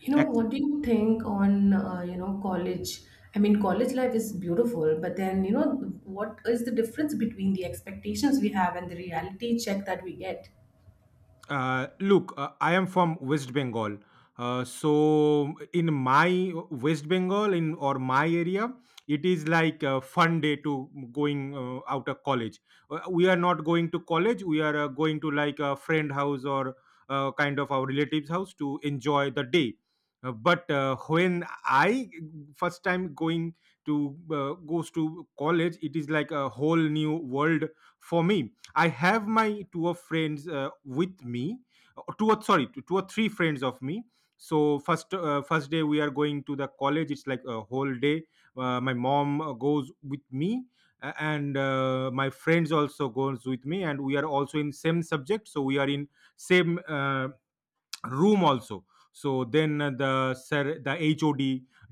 You know, Ex- what do you think on, college? I mean, college life is beautiful, but then, you know, what is the difference between the expectations we have and the reality check that we get? look, I am from West Bengal. So in my West Bengal in or my area, it is like a fun day to going out of college. We are not going to college. We are going to like a friend house or kind of our relatives house to enjoy the day. But when I first time going to goes to college, it is like a whole new world for me. I have my two of friends with me, two or three friends of me. So first day we are going to the college. It's like a whole day. My mom goes with me, and my friends also goes with me, and we are also in same subject. So we are in same room also. So then the sir the hod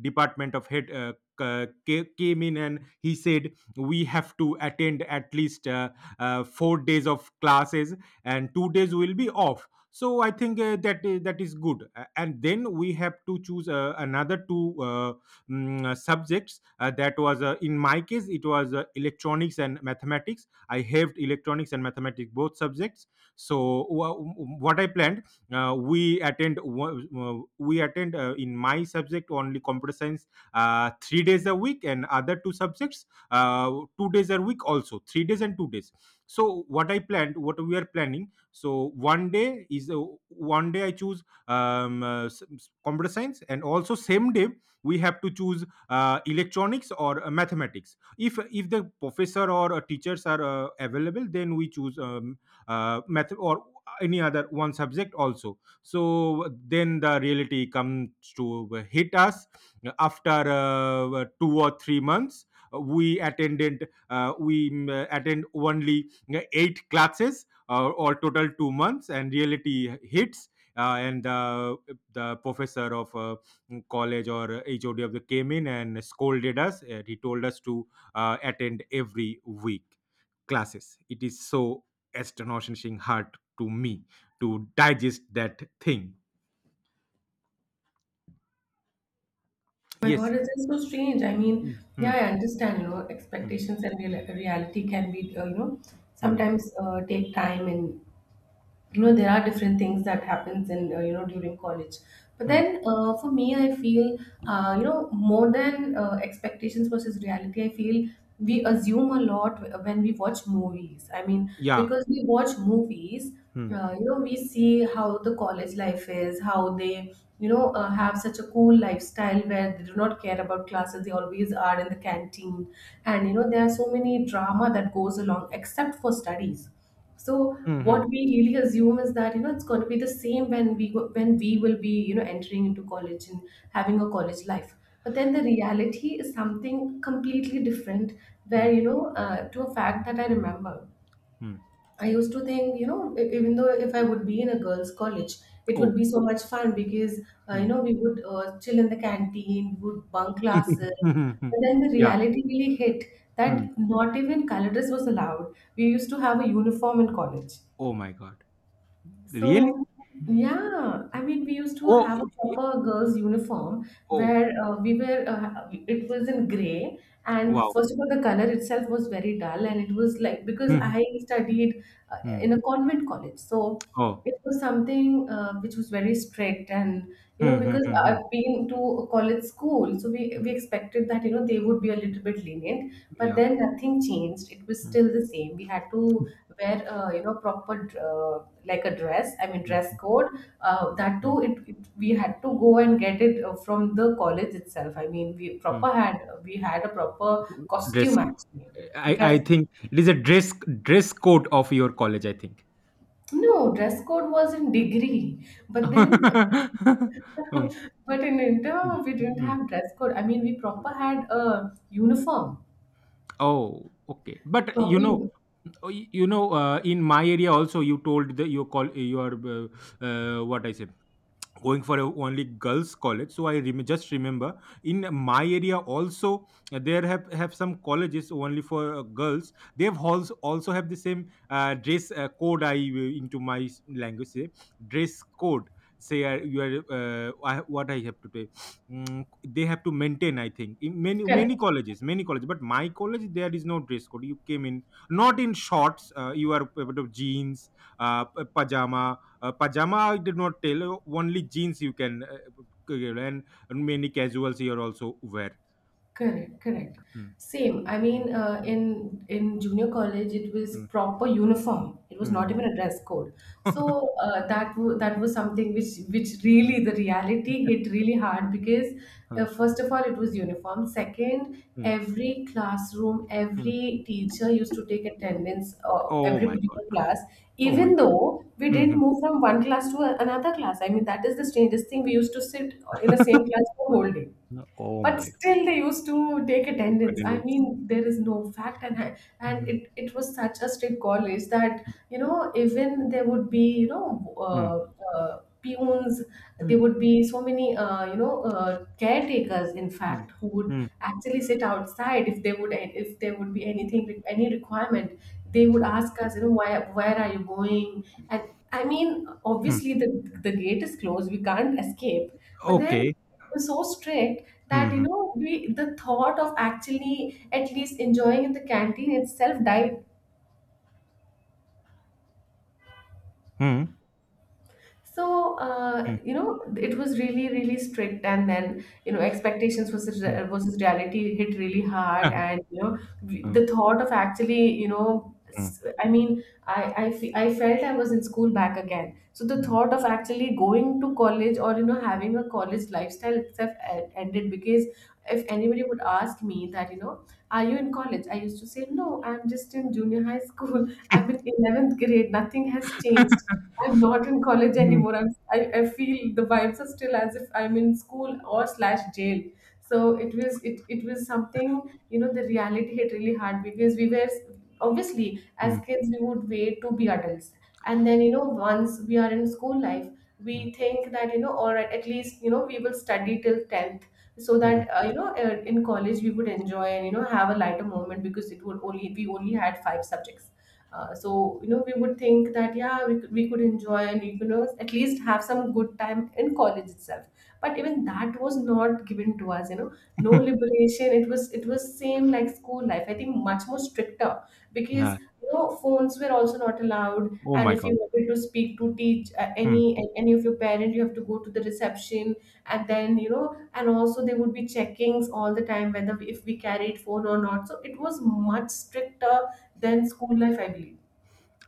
department of head came in and he said we have to attend at least 4 days of classes and 2 days will be off. So I think that is good. And then we have to choose another two subjects, that was in my case it was electronics and mathematics. I have electronics and mathematics both subjects. So what I planned, we attend in my subject only computer science 3 days a week, and other two subjects 2 days a week, also 3 days and 2 days. So what i planned what we are planning, so one day I choose computer science, and also same day we have to choose electronics or mathematics. If the professor or teachers are available, then we choose math or any other one subject also. So then the reality comes to hit us after 2 or 3 months. We attend only eight classes or total 2 months, and reality hits. And The professor of college or hod of the came in and scolded us, and he told us to attend every week classes. It is so astonishing hard to me to digest that thing. Oh my God, Yes. it's just so strange. I mean, Mm, yeah, mm, I understand, you know, mm, expectations and real reality can be, mm, sometimes take time and, you know, there are different things that happens in, during college. But mm. then, for me, I feel you know, more than expectations versus reality, I feel we assume a lot when we watch movies. I mean, Yeah. because we watch movies, Mm, you know, we see how the college life is, how they, have such a cool lifestyle where they do not care about classes, they always are in the canteen, and you know, there are so many drama that goes along except for studies. So mm, mm, what we really assume is that, you know, it's going to be the same when we will be, you know, entering into college and having a college life. But then the reality is something completely different. Where, mm, you know, to a fact that I remember, mm. I used to think, you know, even though if I would be in a girls' college, it would Oh. be so much fun, because you Mm. know, we would chill in the canteen, we would bunk classes. But then the Yeah. reality really hit, that Mm. not even colorist was allowed. We used to have a uniform in college, Oh my God. Really? so, yeah, I mean, we used to Oh. have a y- proper girls' uniform Oh. where, we were, it was in gray. And Wow. first of all, the color itself was very dull. And it was like, because Mm, I studied in a mm. convent college. So Oh. it was something which was very strict. And, you know, Mm, mm, because mm, I've mm, been to a college school, so we mm. expected that, you know, they would be a little bit lenient, but Yeah. then nothing changed, it was Mm, still the same. We had to wear, proper, like a dress, I mean, mm, dress mm, code, that mm, too, it we had to go and get it from the college itself. I mean, we mm. proper had, we had a proper costume Dress. actually, I dress. I think it is a dress code of your college. I think. No dress code was in degree, but then um, but in inter mm, we didn't mm, have dress code, I mean, we proper had a uniform, Oh, okay. But proper uniform. In my area also, you told the you call your what I say, going for a only girls college. So I just remember, in my area also, there have some colleges only for girls. They've also have the same dress code. I, language say dress code, say what I have to say, mm, they have to maintain, I think, in many many Correct, colleges many colleges. But my college there is no dress code. You came in not in shorts, you are able to jeans, uh, p- pajama pajama I did not tell. Only jeans you can, and many casuals here also wear. correct, correct. Hmm, Same. I hmm, mean, uh, hmm, in in junior college, it was proper uniform. It was hmm, hmm, not hmm. even a dress code. So that was something which really, the reality hit really hard, because Hmm, hmm, first of all, it was uniform. Second, hmm, every classroom, hmm. every teacher used to take attendance of Oh every my god! particular class, Oh my even god! though we Hmm, hmm. didn't move from one class to a- another class. I mean, that is the strangest thing. We used to sit in the same class for whole day, Oh but my still they used to take attendance. I mean, goodness. there is no fact. And Hmm, it was such a strict college that, you know, even there would be, you know, hmm, peons, there hmm, would be so many, caretakers, in hmm, fact, who would hmm, actually sit outside. If they would, if there would be anything, any requirement, they would ask us, you know, why, where are you going. And I mean, hmm. obviously, the gate is closed, we can't escape. But then it Okay. was so strict Hmm, that, you hmm, know, we the thought of actually at least enjoying in the canteen itself died. hmm, So hmm, you know, it was really really strict, and then, you know, expectations versus hmm, reality hit really hard, and you know, hmm, the thought of actually, you know, hmm, I felt I was in school back again. So the hmm, thought of actually going to college, or, you know, having a college lifestyle itself, ended. Because if anybody would ask me that, you know, are you in college, I used to say no, I'm just in junior high school I'm in 11th grade, nothing has changed. I'm not in college hmm, anymore. I'm, I feel the vibes are still as if I'm in school or slash jail. So it was, it was something, you know, the reality hit really hard, because we were, obviously, as hmm, kids, we would wait to be adults, and then, you know, once we are in school life, hmm, we think that, you know, all right, at least, you know, we will study till 10th. So hmm. that, in college, we would enjoy, and you know, have a lighter moment, because it would only we only had five subjects. So you know, we would think that yeah, we could enjoy, and you know, at least have some good time in college itself. But even that was not given to us, you know, no liberation. It was, it was same like school life, I think, much more stricter. Because Yeah. you know, phones were also not allowed, Oh and my if you god. wanted to speak to teach Hmm. any of your parent, you have to go to the reception. And then, you know, and also there would be checkings all the time, whether if we carried phone or not. So it was much stricter than school life, I believe.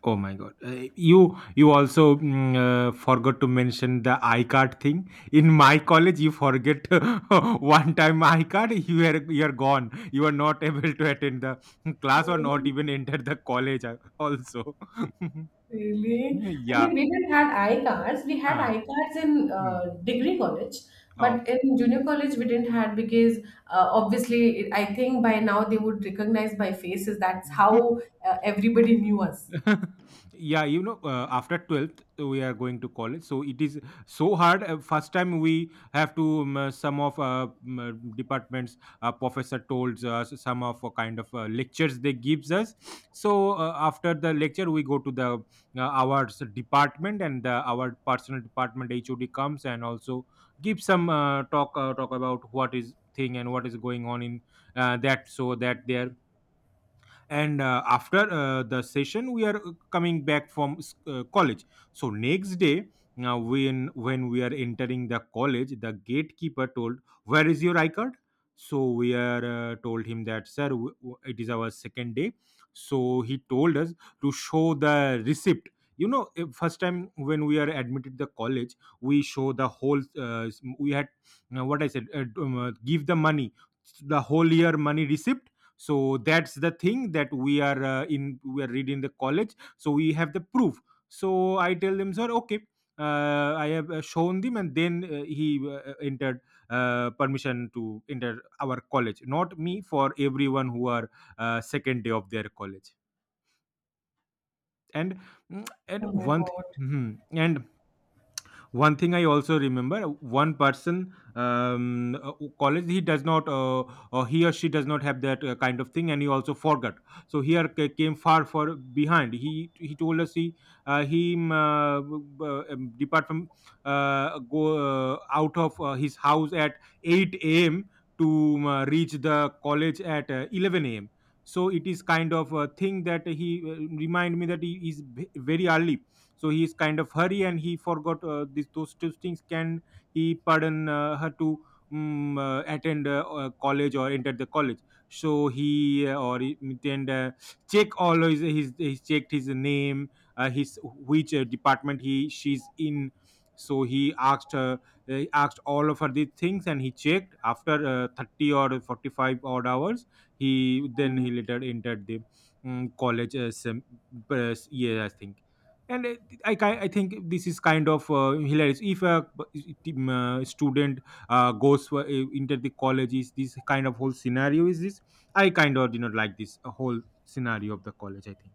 Oh my god! You also forgot to mention the iCard thing. In my college, you forget one time iCard, you are gone. You are not able to attend the class, or not Really? even enter the college. Also, Really? I mean, yeah. we didn't had I cards. We had ah, I cards in mm. degree college, Oh. but in junior college we didn't had. Because obviously, I think by now they would recognize by faces. That's how everybody knew us. Yeah, after 12th we are going to college, so it is so hard. First time we have to some of departments, professor told us some of kind of lectures they gives us. So after the lecture we go to the our department, and our personal department hod comes, and also give some talk about what is thing and what is going on in that, so that their. And after the session we are coming back from college. So next day, now when we are entering the college, the gatekeeper told, where is your I card? So we are told him that sir, it is our second day. So he told us to show the receipt. First time when we are admitted the college, we show the whole we had what I said, give the money, the whole year money receipt. So that's the thing, that we are in we are reading the college, so we have the proof. So I tell them, sir okay. I have shown them, and then he entered permission to enter our college, not me, for everyone who are second day of their college. And mm, and Oh my one God. thing, I also remember. One person, college, he or she does not have that kind of thing, and he also forgot. So here came far for behind. He told us he depart from go out of his house at 8 a.m. to reach the college at 11 a.m. So it is kind of a thing that he remind me that he is very early. So he's kind of hurry, and he forgot these those two things. Can he pardon her to attend college or enter the college? So then check all his he checked his name, his which department he she's in. So he asked her. He asked all of her these things, and he checked after uh, 30 or 45 odd hours. He then he later entered the college as yes, yeah, I think. And I think this is kind of hilarious. If a student goes into the colleges, this kind of whole scenario is this. I kind of did not like this whole scenario of the college. I think.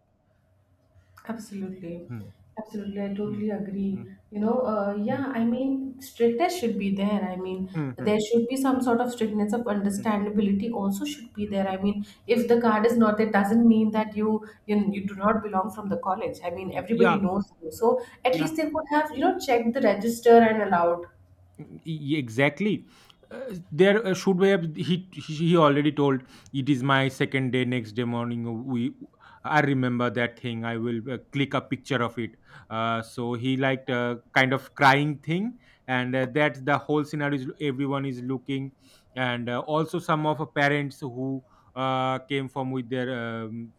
Absolutely. Hmm. Absolutely. I Hmm. totally Hmm. agree. You know, Hmm. yeah, I mean, strictness should be there. I mean, Hmm. Hmm. there should be some sort of strictness of Hmm. understandability also should be there. I mean, if the card is not there, doesn't mean that you, you do not belong from the college. I mean, everybody Yeah. knows you. So at Yeah. least they could have, you know, checked the register and allowed. Exactly, there should we have - he already told it is my second day. Next day morning, we I remember that thing, I will click a picture of it. So he liked kind of crying thing. And that's the whole scenario, is everyone is looking. And also, some of parents who came from with their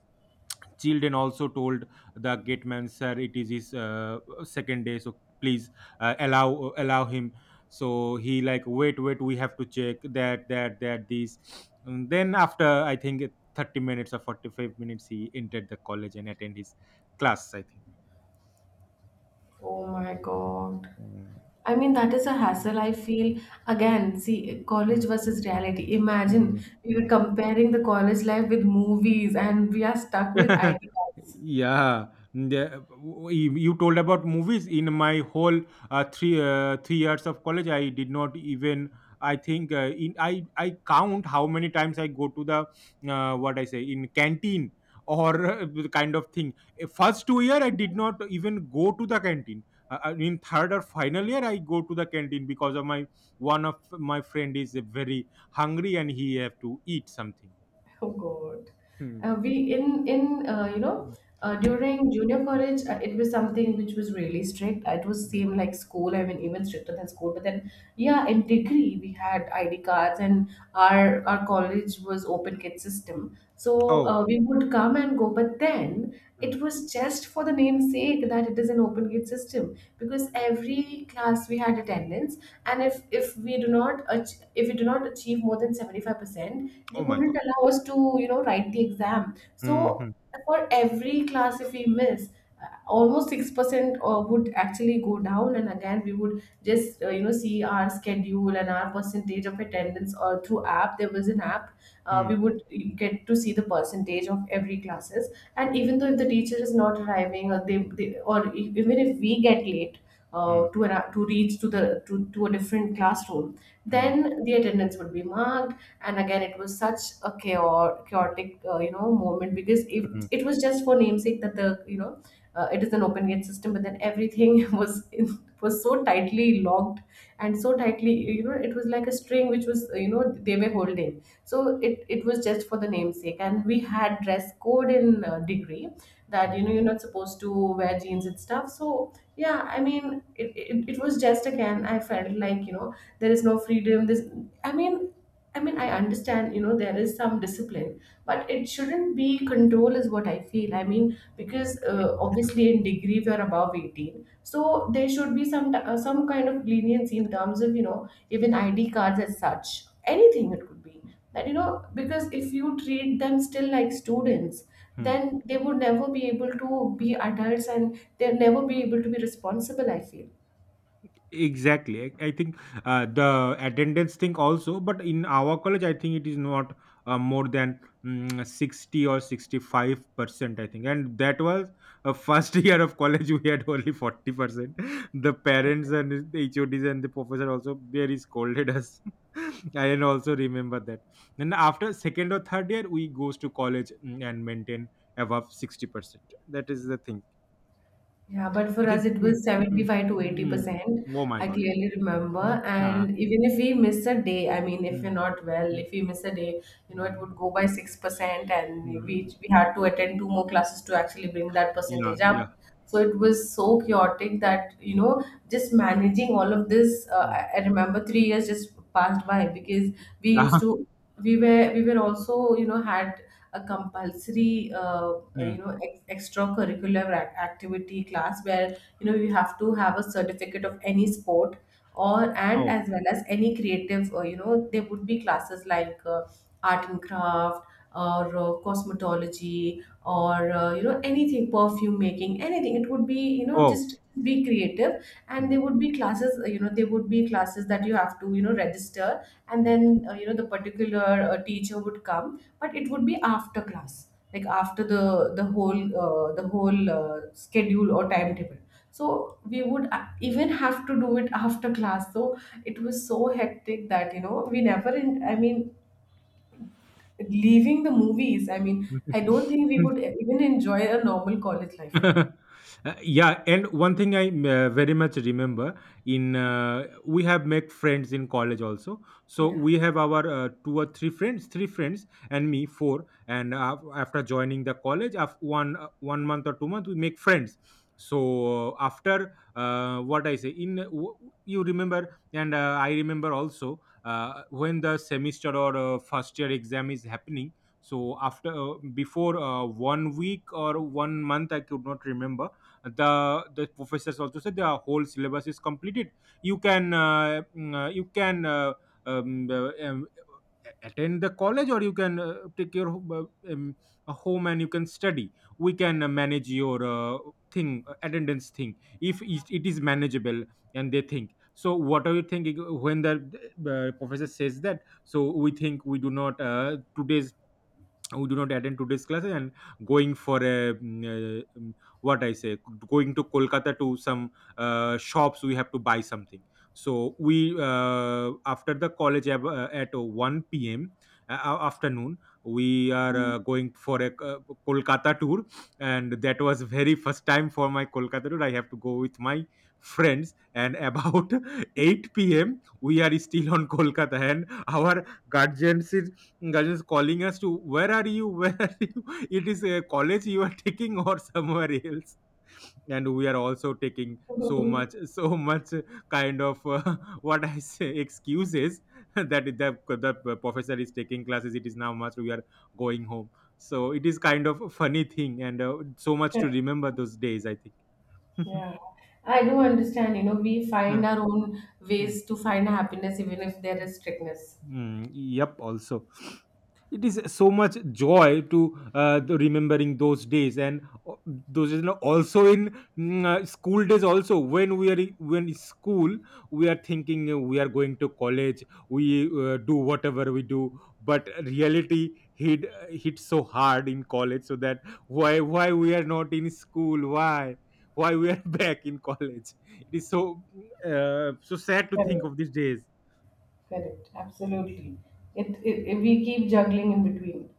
children also told the gate man, "Sir, it is his second day, so please allow him." So he like, "Wait, wait, we have to check that, these." And then after, I think, 30 minutes or 45 minutes, he entered the college and attend his class. I think. Oh my God. Mm, I mean, that is a hassle. I feel, again, see, college mm, versus reality. mm, Imagine we were mm. comparing the college life with movies, and we are stuck with ID cards. Yeah, the, you told about movies. In my whole 3 years of college, I did not even. I think in I count how many times I go to the what I say in canteen, or the kind of thing. First 2 year I did not even go to the canteen. In third or final year I go to the canteen, because of my one of my friend is very hungry, and he have to eat something. Oh God. Uh, Hmm. we in in uh, you know, during junior Hmm. college, it was something which was really strict. It was same like school. I mean, even stricter than school. But then yeah, in degree we had ID cards, and our college was open kid system. So we would come and go. But then it was just for the name's sake that it is an open kid system, because every class we had attendance. And if we do not if we do not achieve more than 75%, they wouldn't allow us to, you know, write the exam. So for every class, if we miss, almost 6% would actually go down. And again, we would just, you know, see our schedule and our percentage of attendance, or through app, there was an app, we Hmm. would get to see the percentage of every classes. And even though if the teacher is not arriving, or even if we get late, to reach to the to a different classroom, Hmm. then the attendance would be marked. And again, it was such a chaotic, chaotic, you know, moment. Because if Mm, it was just for namesake that the, you know, it is an open gate system, but then everything was so tightly locked, and so tightly, you know, it was like a string which was, you know, they were holding. So it was just for the namesake. And we had dress code in degree, that you mm, know, you're not supposed to wear jeans and stuff. So yeah, I mean, it was just again, I felt like, you know, there is no freedom, this I mean, I mean, I understand, you know, there is some discipline, but it shouldn't be control, is what I feel. I mean, because obviously, in degree we are above 18, so there should be some kind of leniency in terms of, you know, even ID cards as such. Anything it could be, that you know, because if you treat them still like students, mm. then they would never be able to be adults, and they'll never be able to be responsible, I feel. Exactly. I think the attendance thing also, but in our college, I think it is not more than 60 or 65%, I think. And that was first year of college, we had only 40%. The parents and the HODs and the professor also very scolded us. I can also remember that. And after second or third year, we goes to college, and maintain above 60%. That is the thing. Yeah, but I for us think. it Mm, was mm, 75 to mm. 80%. Oh my I god. clearly remember. Mm, ah, And even if we miss a day, I mean, if you're mm, not well, mm, if we miss a day, you know, it would mm, go by 6%. And mm. we, had to attend two more classes to actually bring that Yeah, percentage up. yeah. So it was so chaotic that, you Mm, know, just managing all of this, uh, mm. I I remember 3 years just passed by because we Yeah. used to. We were also, you know, had a compulsory you Mm. know extracurricular activity class where you know you have to have a certificate of any sport or, and Oh, as well as any creative, you know, there would be classes like art and craft or cosmetology or you know anything, perfume making, anything. It would be, you know, oh. just be creative. And there Mm, would be classes, you know, there would be classes that you have to, you know, register, and mm. then you know the particular teacher would come, but it would be after class, like after the whole, the whole, schedule or timetable, so we would even have to do it after class. So it was so hectic that, you know, we never in, I mean, leaving the movies, I mean, I don't think we would even enjoy a normal college life. Yeah, and one thing I very much remember in we have make friends in college also. So Yeah. we have our two or three friends, three friends and me four. And after joining the college, after one month or 2 months, we make friends. So after what I say, you remember, and I remember also when the semester or first year exam is happening. So after before one week or one month, I could not remember. The professors also said the whole syllabus is completed. You can um, uh, um, attend the college, or you can take your uh, um, home and you can study. We can manage your thing attendance thing, if it is manageable. And they think, so what are you thinking when the professor says that? So we think, we do not attend today's classes, and going for a uh, mm, what I say, going to Kolkata to some shops. We have to buy something. So we after the college, at 1 p.m, afternoon, we are going for a Kolkata tour. And that was very first time for my Kolkata tour. I have to go with my friends, and about 8 p.m we are still on Kolkata, and our guardians calling us to, "Where are you? Where are you?" "It is a college you are taking or somewhere else?" And we are also taking so Mhm. much so much kind of what I say, excuses, that the professor is taking classes, it is now much, we are going home. So it is kind of a funny thing, and so much to Correct. remember those days, I think. Yeah, I do understand, you know, we Uh, find our own mm, ways to find happiness even if there is strictness. Yep, also it is so much joy to the remembering those days, and those days, you know, also in school days, also when we when in school we are thinking, we are going to college. We do whatever we do, but reality hit so hard in college, so that, why we are not in school, why we are back in college. It is so so sad to think Correct, of these days. correct, absolutely. It we keep juggling in between.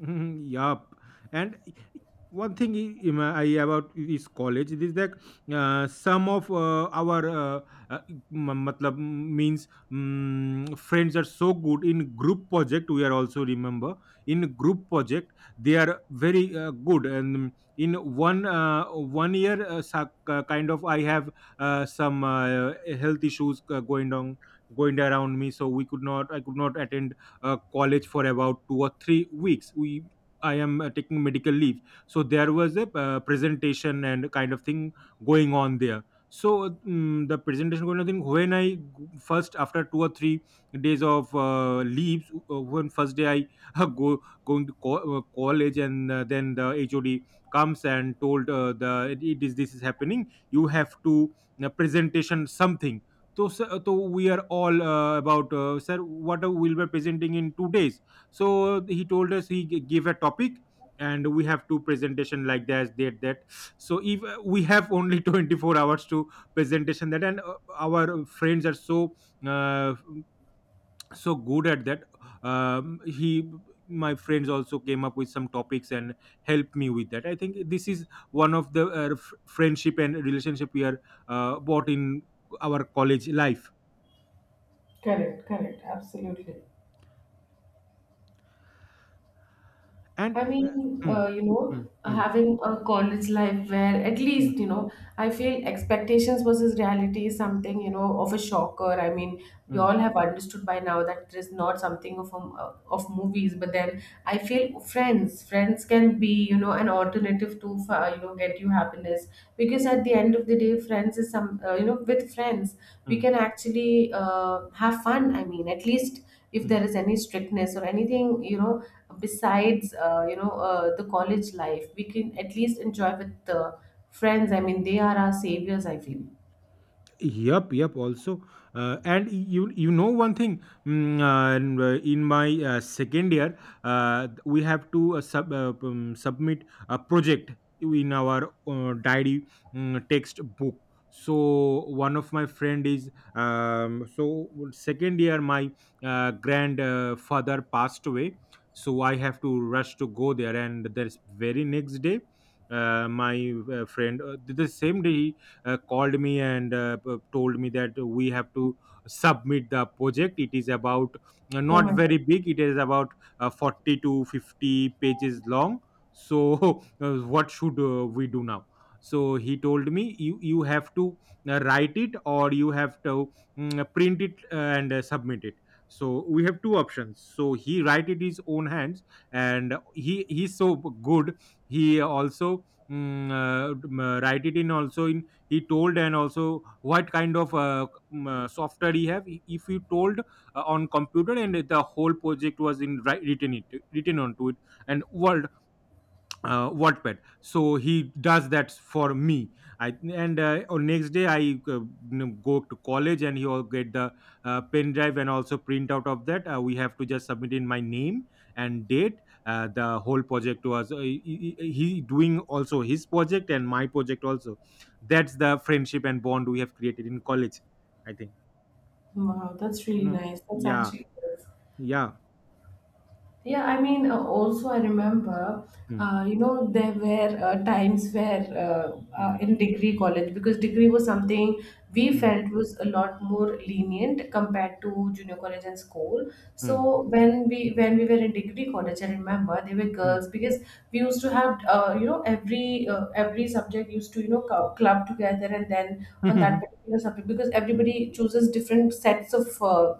Mhm, yup. And one thing I about is college. It is that some of our uh, matlab means, friends are so good in group project. We are also remember in group project they are very good. And in one year, kind of, I have some health issues going on, going around me, so we could not. I could not attend college for about 2 or 3 weeks. We I am taking medical leave. So there was a presentation and kind of thing going on there. So the presentation going on thing, when first after 2 or 3 days of leaves, when first day I go going to college, and then the HOD comes and told the it is this is happening, you have to presentation something. तो sir, तो we are all about sir, what will be presenting in 2 days. So he told us, gave a topic, and we have two presentation like that, that. So if we have only 24 hours to presentation that, and our friends are so uh, so good at that. He, my friends also came up with some topics and helped me with that. I think this is one of the friendship and relationship we are bought in our college life. Correct, correct, absolutely. And I mean, mm, you know, mm, mm, having a college life where at mm, least, you know, I feel expectations versus reality is something, you know, of a shocker. I mean, we mm, all have understood by now that it is not something of movies, but then I feel friends, friends can be, you know, an alternative to, you know, get you happiness, because at the end of the day friends is some you know, with friends we mm, can actually have fun. I mean, at least if mm, there is any strictness or anything, you know, besides you know the college life, we can at least enjoy with the friends. I mean, they are our saviors, I feel. yup, yup. Also, and you know one thing. In my second year, we have to submit a project in our diary, text book. So one of my friend is, so second year my grandfather passed away. So I have to rush to go there, and there's very next day. My friend, the same day called me, and told me that we have to submit the project. It is about, Oh not my God. very big, it is about 40 to 50 pages long. So what should we do now? So he told me, You have to write it, or you have to print it and submit it." So we have two options, so he write it his own hands, and he's so good, he also write it in, also in, he told, and also what kind of software he have, if he told on computer, and the whole project was in written it written onto it, and world, Wattpad. So he does that for me. I, and on next day, I go to college and he will get the pen drive and also print out of that. We have to just submit in my name and date. The whole project was, he doing also his project and my project also. That's the friendship and bond we have created in college, I think. Wow, that's really Mm. nice. That's Yeah. actually good. Yeah. Yeah, I mean, also I remember, Mm, you know, there were times where mm, in degree college, because degree was something we mm, felt was a lot more lenient compared to junior college and school. mm, So when we were in degree college, I remember there were mm, girls, because we used to have, you know, every subject used to, you know, club together, and then on that mm, particular subject, because mm, everybody chooses different sets of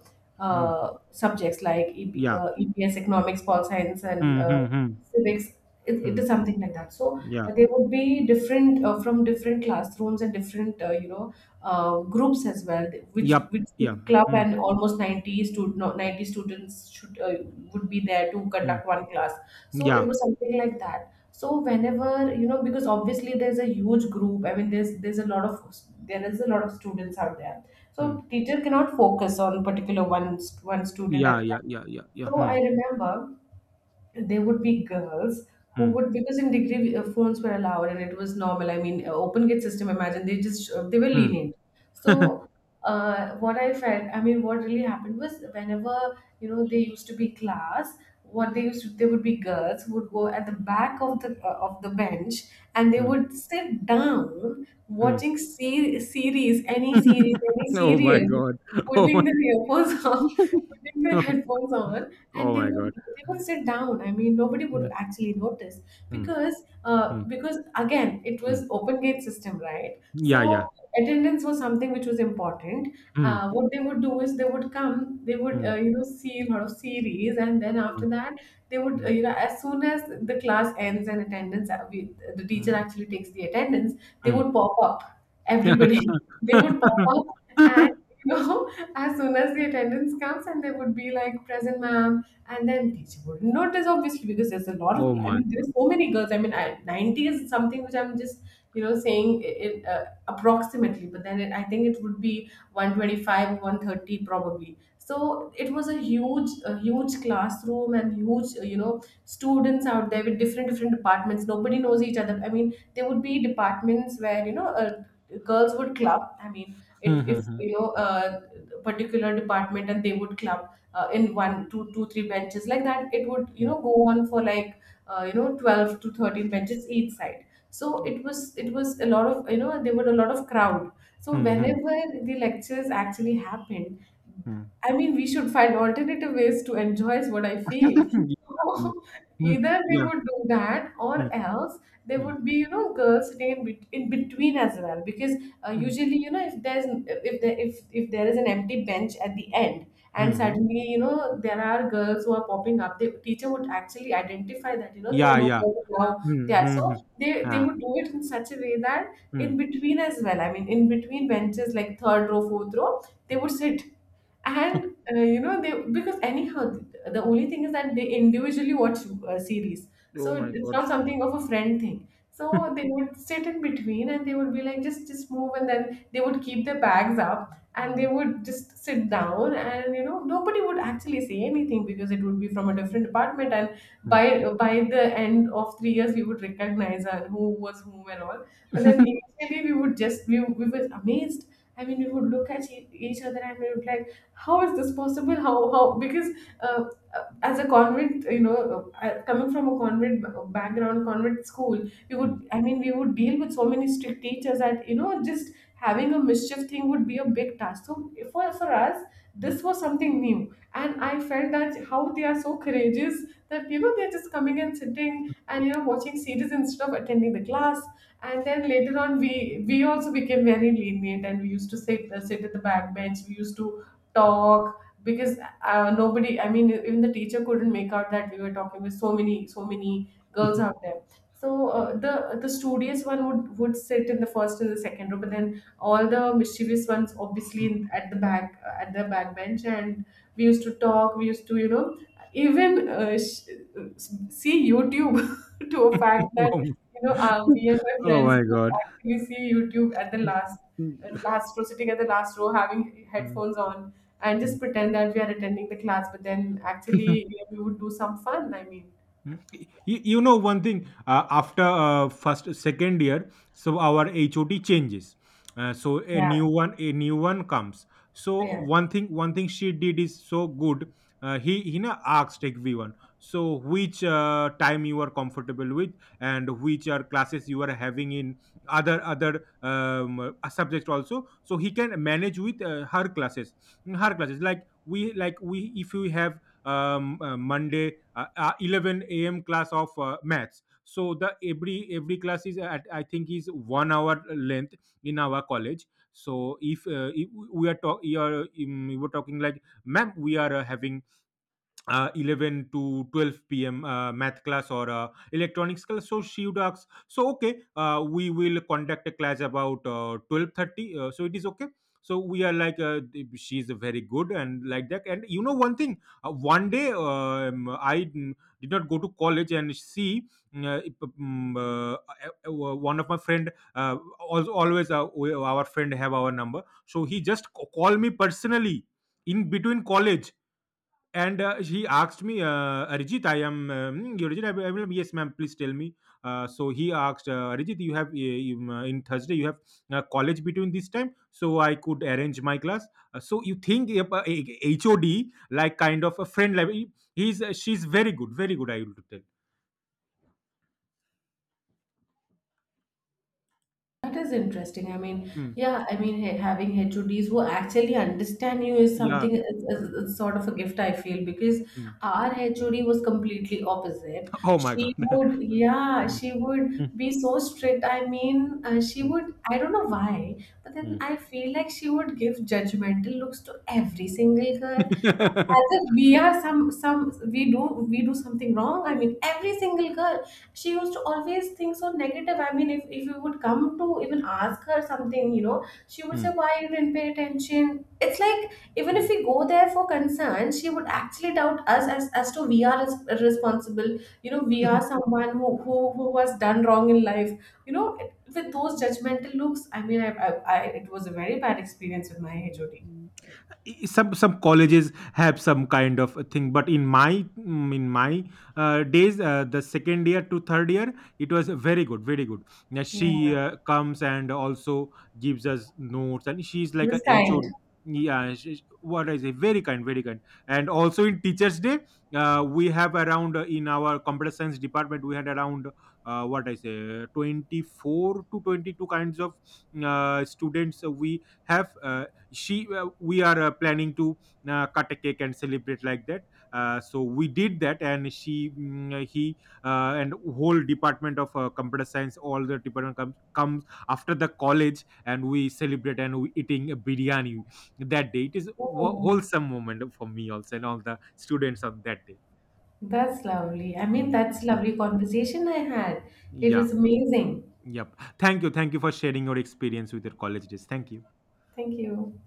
mm. Subjects like EP, Yeah. EPS, economics, pol science, and Mm, mm, mm, civics. It mm. is something like that. So, Yeah. There would be different, from different classrooms and different, you know, groups as well, Yep. which the Yeah. club, Mm, and almost 90 student, no, 90 students should would be there to mm. conduct one class. So it Yeah. was something like that. So whenever, you know, because obviously there's a huge group, I mean, there's a lot of, there is a lot of students out there, so Mm. teacher cannot focus on particular one one student Yeah. at a Yeah. time. Yeah. Yeah. Yeah. So I Mm, remember there would be girls who mm, would, because in degree, phones were allowed and it was normal. I mean, open gate system, imagine. They just they were mm. lenient. So, what I felt, I mean, what really happened was, whenever, you know, they used to be class, what they used to, there would be girls who would go at the back of the, of the bench, and they Mm, would sit down mm. watching series, any series, any Oh my serial, god. Oh putting my. the earphones on, putting the No. headphones on, Oh and they my would god. they would sit down. I mean, nobody Mm, would actually notice mm, because, mm, because again, it mm. was open gate system, right? Yeah. So Yeah. attendance was something which was important. Mm, What they would do is they would come, they would mm, you know, see a lot of series, and then mm, after that they would, mm, you know, as soon as the class ends and attendance, we, the teacher mm, actually takes the attendance, they mm. would pop up everybody. They would pop up, and, you know, as soon as the attendance comes, and they would be like, present ma'am, and then teacher would notice obviously, because there's a lot of, Oh I my mean, there's god. so many girls. I mean, I, 90 is something which I'm just, you know, saying it, approximately, but then it, I think it would be 125 or 130 probably. So it was a huge, a huge classroom and huge, you know, students out there with different, different departments, nobody knows each other. I mean, there would be departments where, you know, girls would club, I mean, it, Mm, if mm, you know, particular department, and they would club in 1, 2, 2, 3 benches, like that. It would, you know, go on for like, you know, 12 to 13 benches each side. So it was, it was a lot of, you know, there were a lot of crowd. So mm, mm, whenever the lectures actually happened, I mean, we should find alternative ways to enjoy, is what I feel. mm, So, mm. either they Yeah. would do that, Yeah. Mm, or yeah. else Mm, there mm, mm, would be, you know, girls' day in, in between as well. Because usually, you know, if there's, if there, if there is an empty bench at the end, and mm. suddenly, you know, there are girls who are popping up, the teacher would actually identify that, you know, there were Yeah. no Yeah. girls now. They Mm, are mm, mm. so, they Ah. would do it in such a way that in Mm, between as well. I mean, in between benches, like third row, fourth row, they would mm. sit, and, you know, they, because anyhow, the only thing is that they individually watch series, Oh so my it's god. not something of a friend thing, so they would sit in between, and they would be like, just move, and then they would keep their bags up, and they Mm. would just sit down, and, you know, nobody would actually say anything, because it would be from a different department. And Mm. by the end of 3 years, we would recognize and who was whom and all. But then initially we would just, we were amazed. I mean, we would look at each other, and we would like, how is this possible, how, because, uh, as a convent, you know, coming from a convent background, convent school, we Mm. would, I mean, we would deal with so many strict teachers that, you know, just having a mischief thing would be a big task. So for us, this was something new, and I felt that how they are so courageous, that, you know, they're just coming and sitting and, you know, watching series instead of attending the class. And then later on, we also became very lenient, and we used to sit, sit at the back bench. We used to talk, because, nobody, I mean, even the teacher couldn't make out that we were talking with so many girls out there. So, the studious one would sit in the first and the second row, but then all the mischievous ones obviously in, at the back, at the back bench. And we used to talk, we used to, you know, even, see YouTube to a fact that, Oh my you know, me and my oh friends my would god. actually see YouTube at the last, Mm, last row, sitting at the last row, having mm, headphones on, and just mm. pretend that we are attending the class. But then actually, yeah, we would do some fun. I mean, Mm. You know one thing. After first second year, so our HOT changes. So yeah. A new one comes. So Yeah. One thing she did is so good. He na asked everyone. So which time you are comfortable with, and which are classes you are having in other subject also. So he can manage with her classes, like we if we have Monday 11 a.m class of maths, so the every class is, at I think, is one hour length in our college. So if we are talk you are we were talking like, "Ma'am, we are having 11 to 12 p.m. Math class or electronics class." So she would ask, so, "Okay, we will conduct a class about 12:30" So it is okay. So we are like, she is very good and like that. And you know one thing, one day, I did not go to college, and she, mm, if, mm, one of my friend, also always our friend have our number. So he just called me personally in between college, and he asked me, "Arijit, I am, you Arijit, I will, yes, ma'am, please tell me." So he asked, "Arijit, you have, in Thursday, you have college between this time, so I could arrange my class." So you think, HOD, like kind of a friend level, she's very good, very good, I would tell. That is interesting. I mean, Mm. yeah, I mean, having HODs who actually understand you is Yeah. something. It's, it's sort of a gift, I feel, because Mm. our HOD was completely opposite. Oh my She God. would, yeah, Mm, she mm, would be so strict. I mean, she mm, would, I don't know why, but then mm. I feel like she would give judgmental looks to every single girl, as if we are some, we do, we do something wrong. I mean, every single girl. She used to always think so negative. I mean, if you would come to even ask her something, you know, she would say, Mm, why you didn't pay attention? It's like, even if we go there for concern, she would actually doubt us as to we are responsible, you know, we are someone who, who was done wrong in life, you know, with those judgmental looks. I mean, I it was a very bad experience with my HOD. mm. Some colleges have some kind of a thing, but in my in my days, the second year to third year, it was very good, very good. Now Yeah, she comes and also gives us notes, and she's she like a was HOD. kind. Yeah, she, what I say, very kind, very kind, and also in teachers day, we have around, in our computer science department we had around what I say, 24 to 22 kinds of students, we have, she, we are planning to cut a cake and celebrate like that. So we did that, and she, mm, he and whole department of computer science, all the department comes after the college, and we celebrate and we eating a biryani. That day it is Oh. wholesome moment for me also and all the students on that day. That's lovely. I mean, Mm, that's mm. lovely conversation I had. It Yeah, was amazing. yep. Thank you, thank you for sharing your experience with your college days. Thank you. Thank you.